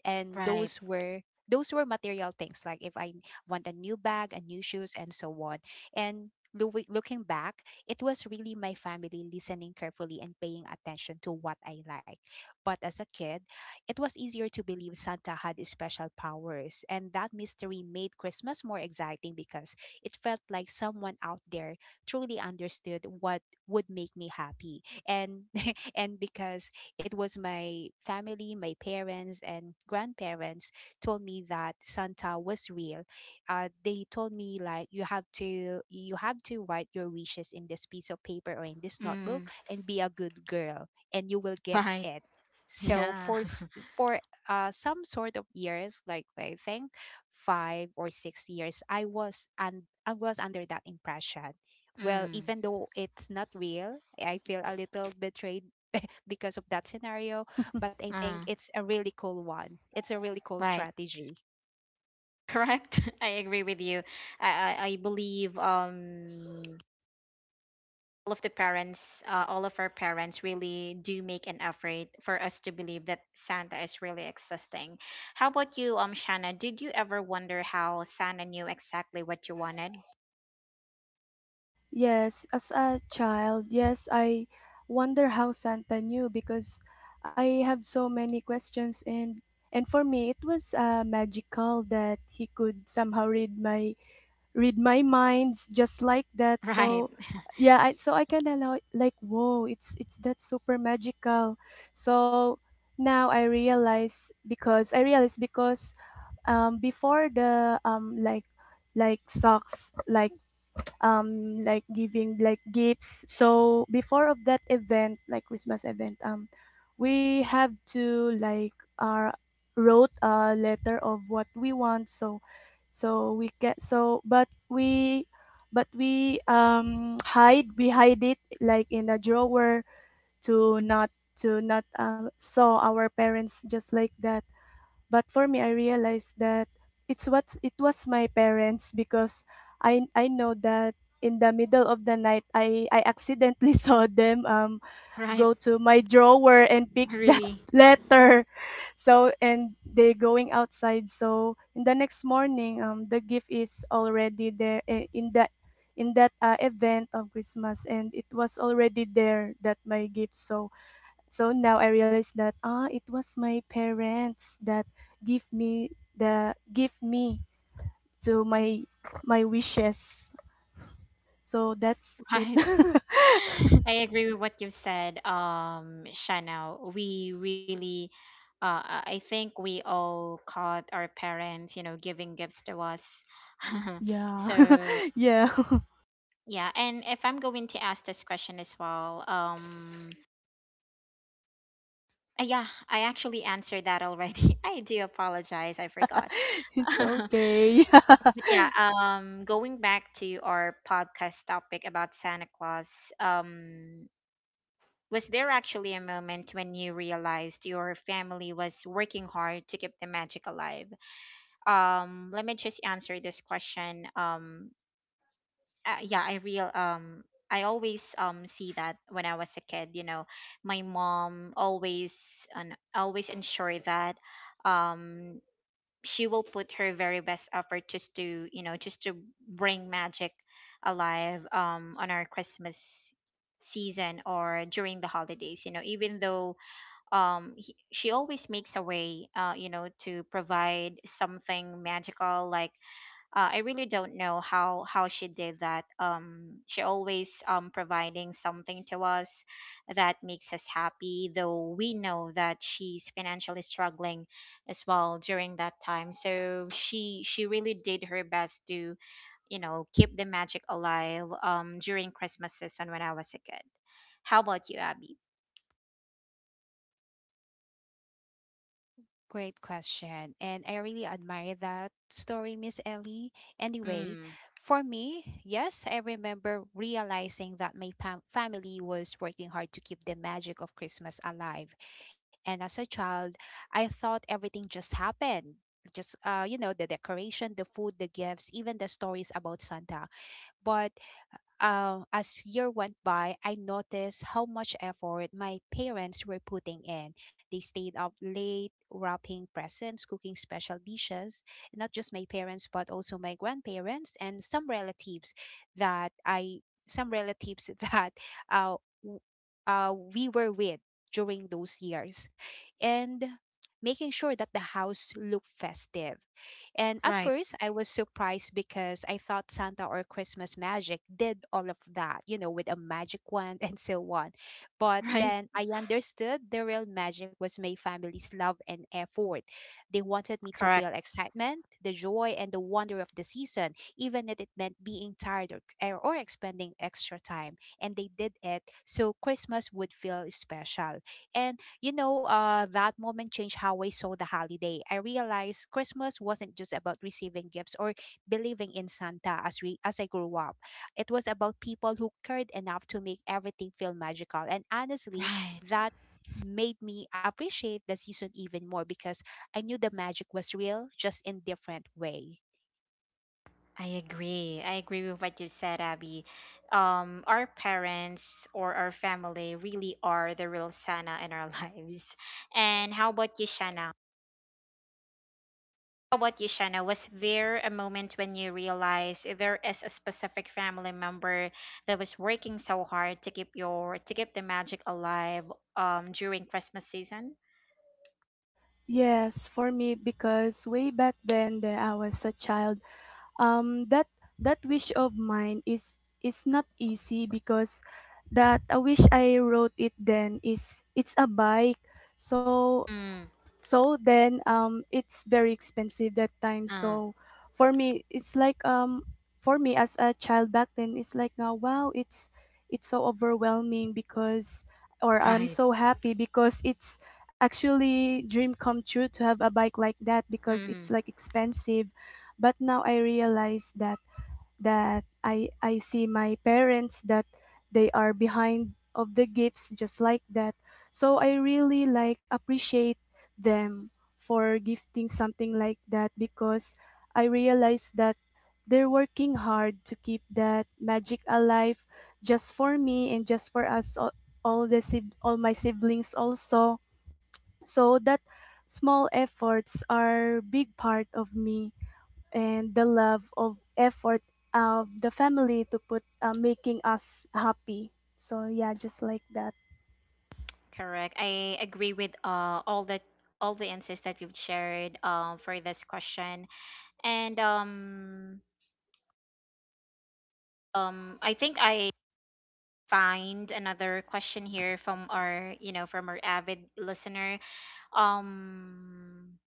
Speaker 3: And
Speaker 1: Right.
Speaker 3: those were material things like if I want a new bag, a new shoes and so on. And looking back, it was really my family listening carefully and paying attention to what I like. But as a kid, it was easier to believe Santa had special powers, and that mystery made Christmas more exciting because it felt like someone out there truly understood what would make me happy. And <laughs> and because it was my family, my parents, and grandparents told me that Santa was real. They told me like you have to write your wishes in this piece of paper or in this notebook
Speaker 1: Mm,
Speaker 3: and be a good girl, and you will get
Speaker 1: right.
Speaker 3: it. So
Speaker 1: Yeah. <laughs>
Speaker 3: for some sort of years, like I think five or six years, I was under that impression, well,
Speaker 1: Mm,
Speaker 3: even though it's not real, I feel a little betrayed because of that scenario, but I think
Speaker 1: uh,
Speaker 3: it's a really cool one. It's a really cool
Speaker 1: right.
Speaker 3: strategy.
Speaker 1: Correct. <laughs> I agree with you. I I believe all of the parents, all of our parents really do make an effort for us to believe that Santa is really existing. How about you, Shanna? Did you ever wonder how Santa knew exactly what you wanted? <laughs>
Speaker 2: Yes, as a child, yes, I wonder how Santa knew because I have so many questions, and for me, it was magical that he could somehow read my minds just like that.
Speaker 1: Right.
Speaker 2: So yeah, I so I kind of like whoa, it's that super magical. So now I realize because um, before the um, like socks like um, like giving like gifts. So before of that event, like Christmas event um, we have to like uh, wrote a letter of what we want. So so we get so but we um, hide we hide it like in a drawer to not saw our parents just like that. But for me, I realized that it's what it was my parents because I know that in the middle of the night, I accidentally <laughs> saw them um,
Speaker 1: Right.
Speaker 2: go to my drawer and pick that
Speaker 1: Really.
Speaker 2: <laughs> letter. So and they going outside. So in the next morning, um, the gift is already there eh, in that event of Christmas, and it was already there that my gift. So so now I realize that ah, it was my parents that give me give me to my my wishes. So that's it.
Speaker 1: Right. <laughs> I
Speaker 2: <laughs>
Speaker 1: agree with what you said, Shana. We really, I think we all caught our parents, you know, giving gifts to us. <laughs>
Speaker 2: Yeah.
Speaker 1: So
Speaker 2: <laughs> Yeah. <laughs>
Speaker 1: yeah, and if I'm going to ask this question as well, yeah, I actually answered that already. <laughs> I do apologize, I forgot. <laughs>
Speaker 2: It's
Speaker 1: But
Speaker 2: okay.
Speaker 1: yeah, going back to our podcast topic about Santa Claus, um, was there actually a moment when you realized your family was working hard to keep the magic alive? Let me just answer this question. Yeah, I always see that when I was a kid, you know, my mom always and always ensure that um she will put her very best effort just to, you know, just to bring magic alive on our Christmas season or during the holidays. You know, even though, she always makes a way, you know, to provide something magical, like, I really don't know how she did that. She always providing something to us that makes us happy, though we know that she's financially struggling as well during that time. So she really did her best to, you know, keep the magic alive during Christmas season when I was a kid. How about you, Abby?
Speaker 3: Great question. And I really admire that story, Miss Ellie. Anyway,
Speaker 1: Mm,
Speaker 3: for me, yes, I remember realizing that my family was working hard to keep the magic of Christmas alive. And as a child, I thought everything just happened. Just, you know, the decoration, the food, the gifts, even the stories about Santa. But as year went by, I noticed how much effort my parents were putting in. They stayed up late, wrapping presents, cooking special dishes. Not just my parents, but also my grandparents and some relatives that I some relatives <laughs> that uh, w- we were with during those years, and making sure that the house looked festive. And at
Speaker 1: right,
Speaker 3: first, I was surprised because I thought Santa or Christmas magic did all of that, you know, with a magic wand <laughs> and so on.
Speaker 1: <laughs>
Speaker 3: But
Speaker 1: right.
Speaker 3: then I understood the real magic was my family's love and effort. They wanted me to feel
Speaker 1: Correct.
Speaker 3: excitement, the joy, and the wonder of the season, even if it meant being tired or, or expending extra time. And they did it so Christmas would feel special. And you know, that moment changed how I saw the holiday. I realized Christmas wasn't just about receiving gifts or believing in Santa as I grew up. It was about people who cared enough to make everything feel magical. And honestly,
Speaker 1: Right.
Speaker 3: that made me appreciate the season even more because I knew the magic was real, just in different way.
Speaker 1: I agree. I agree with what you said, Abby. Our parents or our family really are the real Sana in our <laughs> lives. And how about you, Shana? How about you, Shanna? Was there a moment when you realized there is a specific family member that was working so hard to keep the magic alive during Christmas season?
Speaker 2: <laughs> Yes, for me because way back then that I was a child um, that that wish of mine is not easy because that a wish I wrote it then is it's a bike. So
Speaker 1: Mm,
Speaker 2: so then um, it's very expensive that time.
Speaker 1: uh,
Speaker 2: So for me, it's like um, for me, as a child back then, it's like, now wow, it's so overwhelming because or I'm
Speaker 1: right.
Speaker 2: so happy because it's actually dream come true to have a bike like that because
Speaker 1: Mm,
Speaker 2: it's like expensive. But now I realize that that I see my parents that they are behind of the gifts just like that. So I really like appreciate them for gifting something like that because I realize that they're working hard to keep that magic alive just for me and just for us all, all my siblings also. So that small efforts are big part of me and the love of effort of the family to put making us happy. So yeah, just like that.
Speaker 1: correct. I agree with all the insights that you've shared for this question. And I think I find another question here from our, you know, from our avid listener. um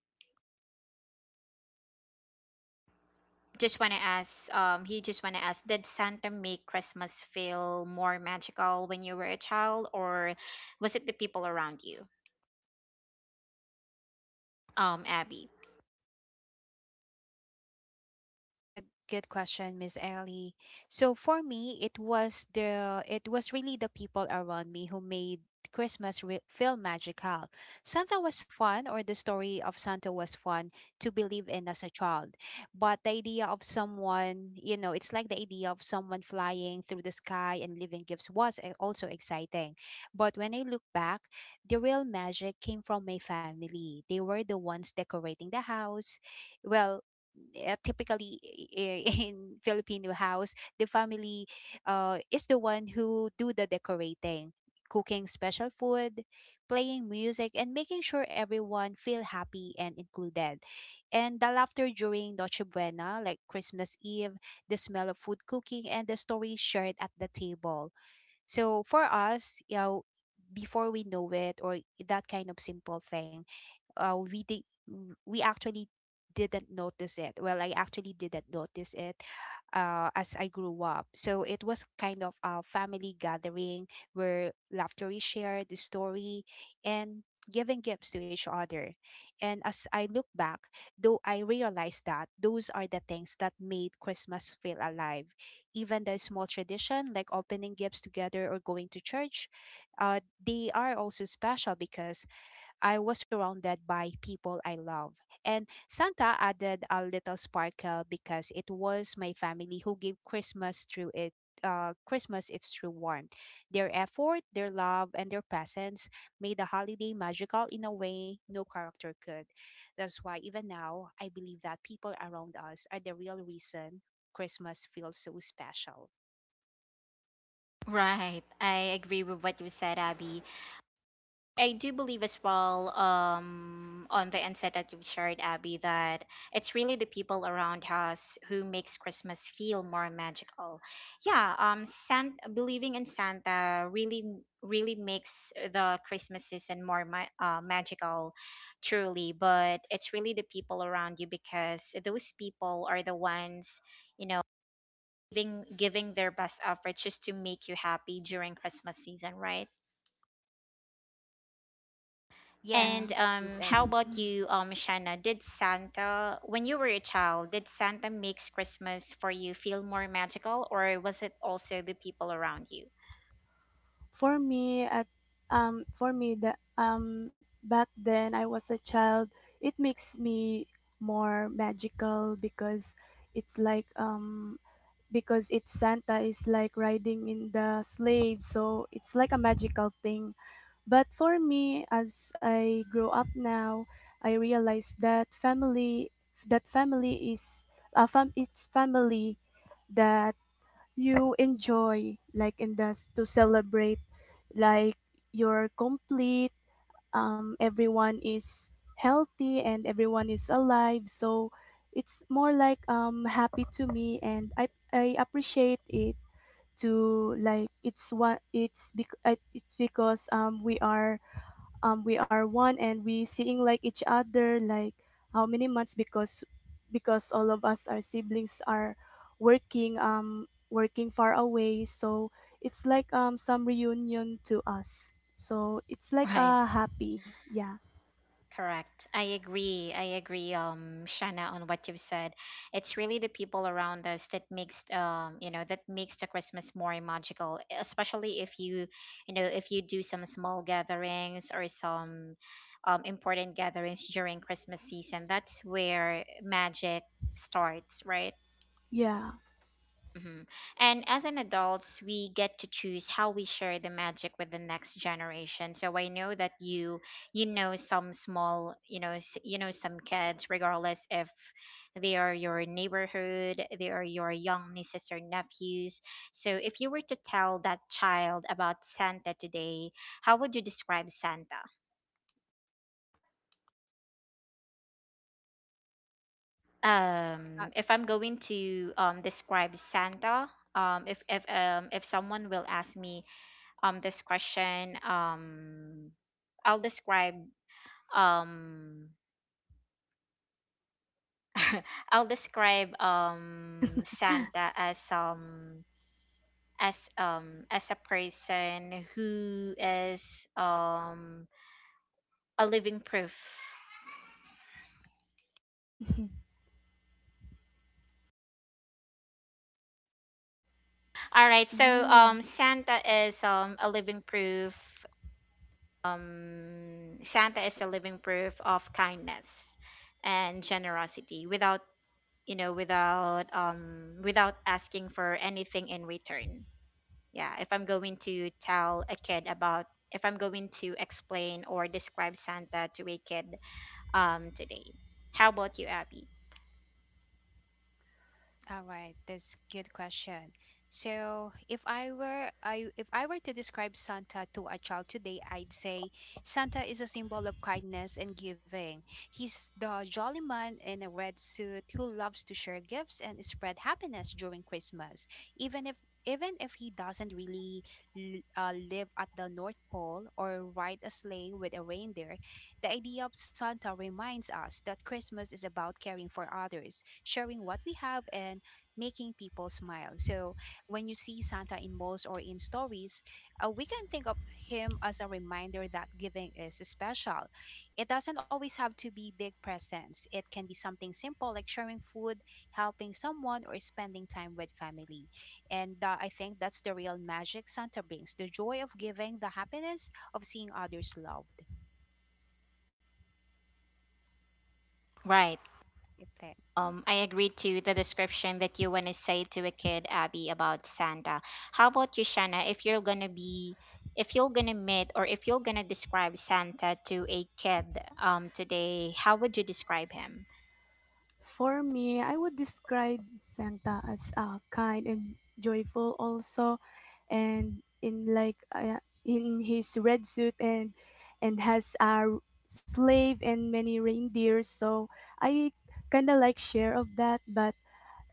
Speaker 1: just want to ask, he just want to ask, did Santa make Christmas feel more magical when you were a child, or was it the people around you? Abby?
Speaker 3: Good good question, Miss Ellie. So for me, it was really the people around me who made Christmas feel magical. Santa was fun or the story of Santa was fun to believe in as a child. But the idea of someone, you know, it's like the idea of someone flying through the sky and leaving gifts was also exciting. But when I look back, the real magic came from my family. They were the ones decorating the house, well, typically, <laughs> in Filipino house, the family is the one who do the decorating, cooking special food, playing music, and making sure everyone feel happy and included. And the laughter during Noche Buena, like Christmas Eve, the smell of food cooking, and the stories shared at the table. So for us, you know, before we know it, or that kind of simple thing uh, we did we actually didn't notice it. Well, I actually didn't notice it as I grew up. So it was kind of a family gathering where laughter is shared, the story, and giving gifts to each other. And as I look back, though I realized that those are the things that made Christmas feel alive. Even the small tradition like opening gifts together or going to church, uh, they are also special because I was surrounded by people I love. And Santa added a little sparkle because it was my family who gave Christmas through it Christmas its true warmth. Their effort, their love, and their presence made the holiday magical in a way no character could. That's why even now I believe that people around us are the real reason Christmas feels so special.
Speaker 1: Right. I agree with what you said, Abby. I do believe as well, on the insight that you've shared, Abby, that it's really the people around us who makes Christmas feel more magical. Yeah, believing in Santa really, really makes the Christmas season more magical, truly. But it's really the people around you, because those people are the ones, you know, giving their best effort just to make you happy during Christmas season, right?
Speaker 2: Yeah.
Speaker 1: And
Speaker 3: Yes, Miss
Speaker 1: how
Speaker 3: Ellie.
Speaker 2: <laughs>
Speaker 1: about you, Shanna? Did Santa, when you were a child, did Santa makes Christmas for you feel more magical, or was it also the people around you?
Speaker 2: For me at um, for me the um, back then I was a child, it makes me more magical because it's like um, because it's Santa is like riding in the sleigh, so it's like a magical thing. But for me, as I grow up now, I realize that family is it's family that you enjoy like in thus to celebrate like you're complete um, everyone is healthy and everyone is alive. So it's more like um, happy to me, and I appreciate it to like. It's what it's it's because um, we are um, we are one and we seeing like each other like how many months because all of us our siblings are working um, working far away. So it's like um, some reunion to us, so it's like
Speaker 1: Right.
Speaker 2: a happy. Yeah.
Speaker 1: Correct. I agree. I agree, Shana, on what you've said. It's really the people around us that makes, you know, that makes the Christmas more magical. Especially if you, you know, if you do some small gatherings or some, important gatherings during Christmas season. That's where magic starts, right?
Speaker 2: Yeah.
Speaker 1: Mhm. And as an adults, we get to choose how we share the magic with the next generation. So I know that you, know some small, you know, you know, some kids, regardless if they are your neighborhood, they are your young nieces or nephews. So if you were to tell that child about Santa today, how would you describe Santa?
Speaker 3: Uh,
Speaker 1: If I'm going to describe Santa, if someone will ask me this question, I'll describe um <laughs> I'll describe Santa as as a person who is a living proof.
Speaker 2: <laughs>
Speaker 1: All right. So
Speaker 2: Ooh.
Speaker 1: Santa is a living proof. Santa is a living proof of kindness and generosity without, you know, without without asking for anything in return. Yeah, if I'm going to tell a kid about, if I'm going to explain or describe Santa to a kid, today. How about you, Abby?
Speaker 3: All right, that's good question. So, if I were to describe Santa to a child today, I'd say Santa is a symbol of kindness and giving. He's the jolly man in a red suit who loves to share gifts and spread happiness during Christmas, even if he doesn't really live at the North Pole or ride a sleigh with a reindeer, the idea of Santa reminds us that Christmas is about caring for others, sharing what we have, and making people smile. So when you see Santa in malls or in stories, we can think of him as a reminder that giving is special. It doesn't always have to be big presents, it can be something simple like sharing food, helping someone, or spending time with family. And I think that's the real magic Santa brings the joy of giving, the happiness of seeing others loved.
Speaker 1: Right.
Speaker 3: I think.
Speaker 1: I agree to the description that you want to say to a kid, Abby, about Santa. How about you, Shanna? If you're gonna be, if you're gonna meet, or if you're gonna describe Santa to a kid, today, how would you describe him?
Speaker 2: For me, I would describe Santa as kind and joyful also, and in like in his red suit and has a slave and many reindeers. So I kind of like share of that,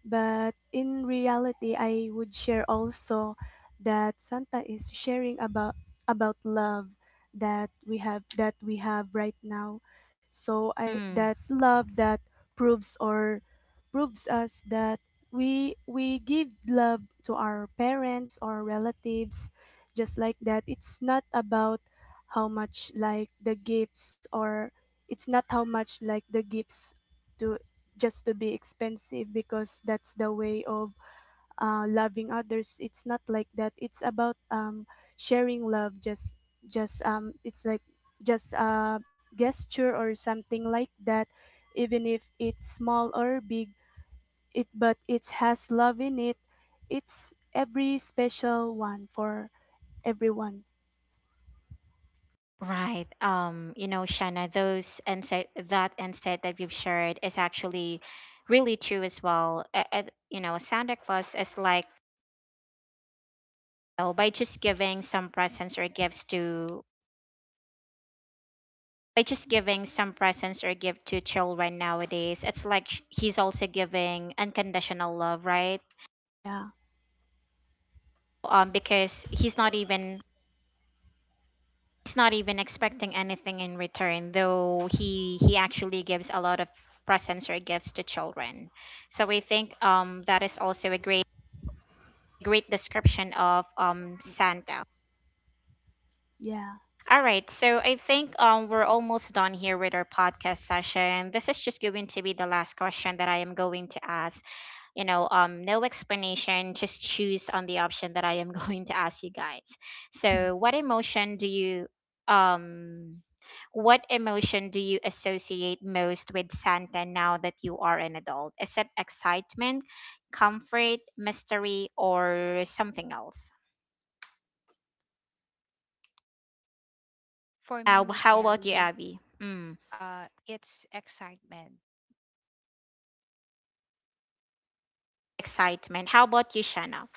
Speaker 2: but in reality, I would share also that Santa is sharing about love that we have right now. So I that love that proves or proves us that we give love to our parents or relatives just like that. It's not about how much like the gifts or it's not how much like the gifts to just to be expensive because that's the way of loving others. It's not like that. It's about sharing love just it's like just a gesture or something like that, even if it's small or big. It but it has love in it. It's every special one for everyone.
Speaker 1: Right. You know, Shanna, those insight, that insight that you've shared is actually really true as well. You know, Santa Claus is like, you know, by just giving some presents or gift to children nowadays, it's like he's also giving unconditional love, right?
Speaker 2: Yeah.
Speaker 1: Because he's not even expecting anything in return, though he actually gives a lot of presents or gifts to children. So we think that is also a great great description of Santa.
Speaker 2: Yeah.
Speaker 1: All right, so I think we're almost done here with our podcast session. This is just going to be the last question that I am going to ask. You know, no explanation, just choose on the option that I am <laughs> going to ask you guys.
Speaker 2: <laughs>
Speaker 1: So what emotion do you um associate most with Santa now that you are an adult? Is it excitement, comfort, mystery, or something else?
Speaker 3: For me, Miss
Speaker 1: How about you,
Speaker 3: Ellie,
Speaker 1: Abby? Mm,
Speaker 3: it's excitement.
Speaker 1: excitement. How about you, Shanna?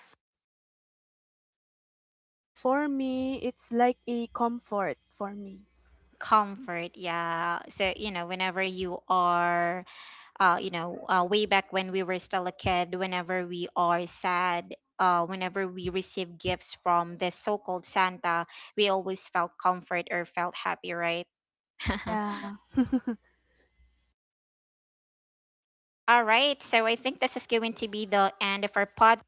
Speaker 2: For me, it's like a comfort for me.
Speaker 1: Comfort. Yeah, so you know, whenever you are, you know, way back when we were still a kid, whenever we are sad, whenever we receive gifts from the so-called Santa, we always felt comfort or felt happy, right? <laughs>
Speaker 2: Yeah. <laughs>
Speaker 1: All right, so I think this is going to be the end of our pod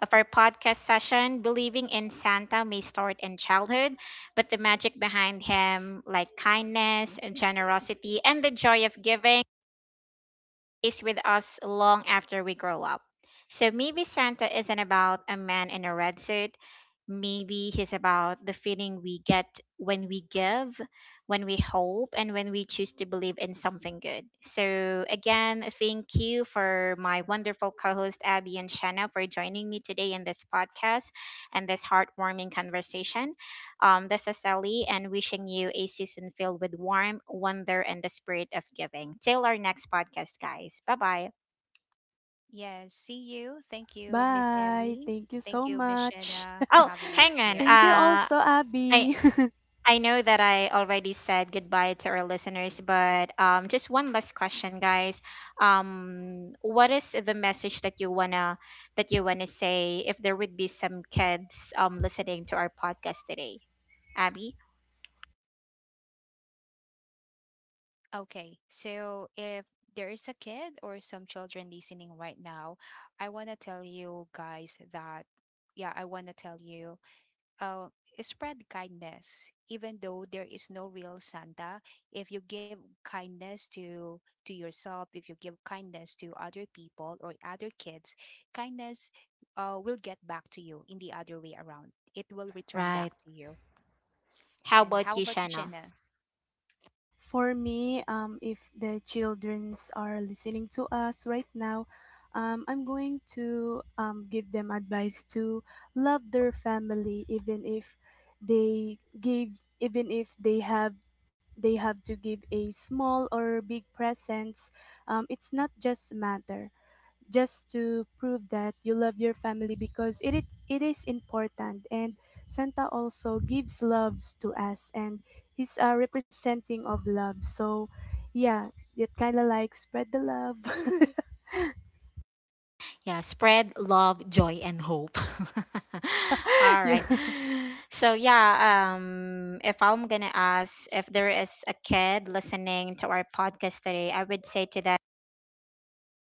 Speaker 1: of our podcast session. Believing in Santa may start in childhood, but the magic behind him, like kindness, generosity, and the joy of giving, stays with us long after we grow up. So maybe Santa isn't about a man in a red suit. Maybe he's about the feeling we get when we give, when we hope, and when we choose to believe in something good. So, again, thank you for my wonderful co host, Abby and Shanna, for joining me today in this podcast and this heartwarming conversation. This is Sally, and wishing you a season filled with warmth, wonder, and the spirit of giving. Till our next podcast, guys. Bye bye.
Speaker 3: Yes, see you.
Speaker 2: B-
Speaker 3: Thank you, Miss
Speaker 2: Bye.
Speaker 3: Ellie.
Speaker 2: Thank you
Speaker 3: Thank
Speaker 2: so
Speaker 3: you, Miss
Speaker 2: much.
Speaker 3: Shanna, for
Speaker 1: Oh,
Speaker 3: having us
Speaker 1: hang on.
Speaker 3: here.
Speaker 2: Thank you
Speaker 1: Uh,
Speaker 2: also,
Speaker 1: I
Speaker 2: Abby.
Speaker 1: I know that I already said goodbye to our listeners, but just one last question, guys. What is the message that you wanna say if there would be some kids listening to our podcast today? Abby,
Speaker 3: Okay, so if there is a kid or some children listening right now, I want to tell you guys that, yeah, I want to tell you uh, spread kindness even though there is no real Santa. If you give kindness to yourself, if you give kindness to other people or other kids, kindness will get back to you in the other way around, it will return back
Speaker 1: right?
Speaker 3: to you.
Speaker 1: How
Speaker 3: And how
Speaker 1: about you,
Speaker 3: about you,
Speaker 1: Shanna?
Speaker 3: Jenna?
Speaker 2: <laughs> For me, if the childrens are listening to us right now, I'm going to give them advice to love their family, even if they give, even if they have, they have to give a small or big presents. It's not just matter. Just to prove that you love your family because it is important, and Santa also gives loves to us, and he's a representing of love. So yeah, it kind of like spread the love.
Speaker 1: Yeah, spread love, joy, and hope. <laughs>
Speaker 2: <laughs>
Speaker 1: All
Speaker 2: Yeah.
Speaker 1: right. So yeah, if I'm gonna ask, if there is a kid listening to our podcast today, I would say to that,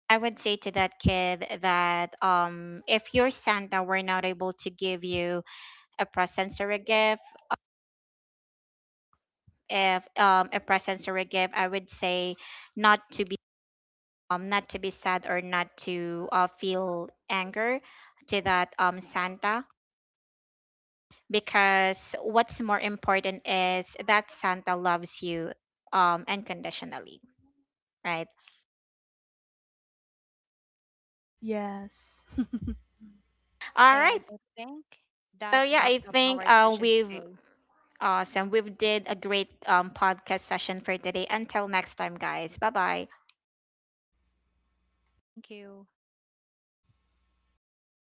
Speaker 1: I would say to that kid that if you're Santa, we're not able to give you a present or a gift. If a present or a gift, I would say not to be not to be sad, or not to feel anger to that Santa, because what's more important is that Santa loves you unconditionally, right?
Speaker 2: Yes. <laughs>
Speaker 1: All
Speaker 3: And
Speaker 1: right.
Speaker 3: I think that
Speaker 1: So yeah,
Speaker 3: wraps
Speaker 1: I
Speaker 3: up our
Speaker 1: think
Speaker 3: session
Speaker 1: we've
Speaker 3: today.
Speaker 1: awesome. We've did a great podcast session for today. Until next time, guys. Bye bye.
Speaker 3: Thank you.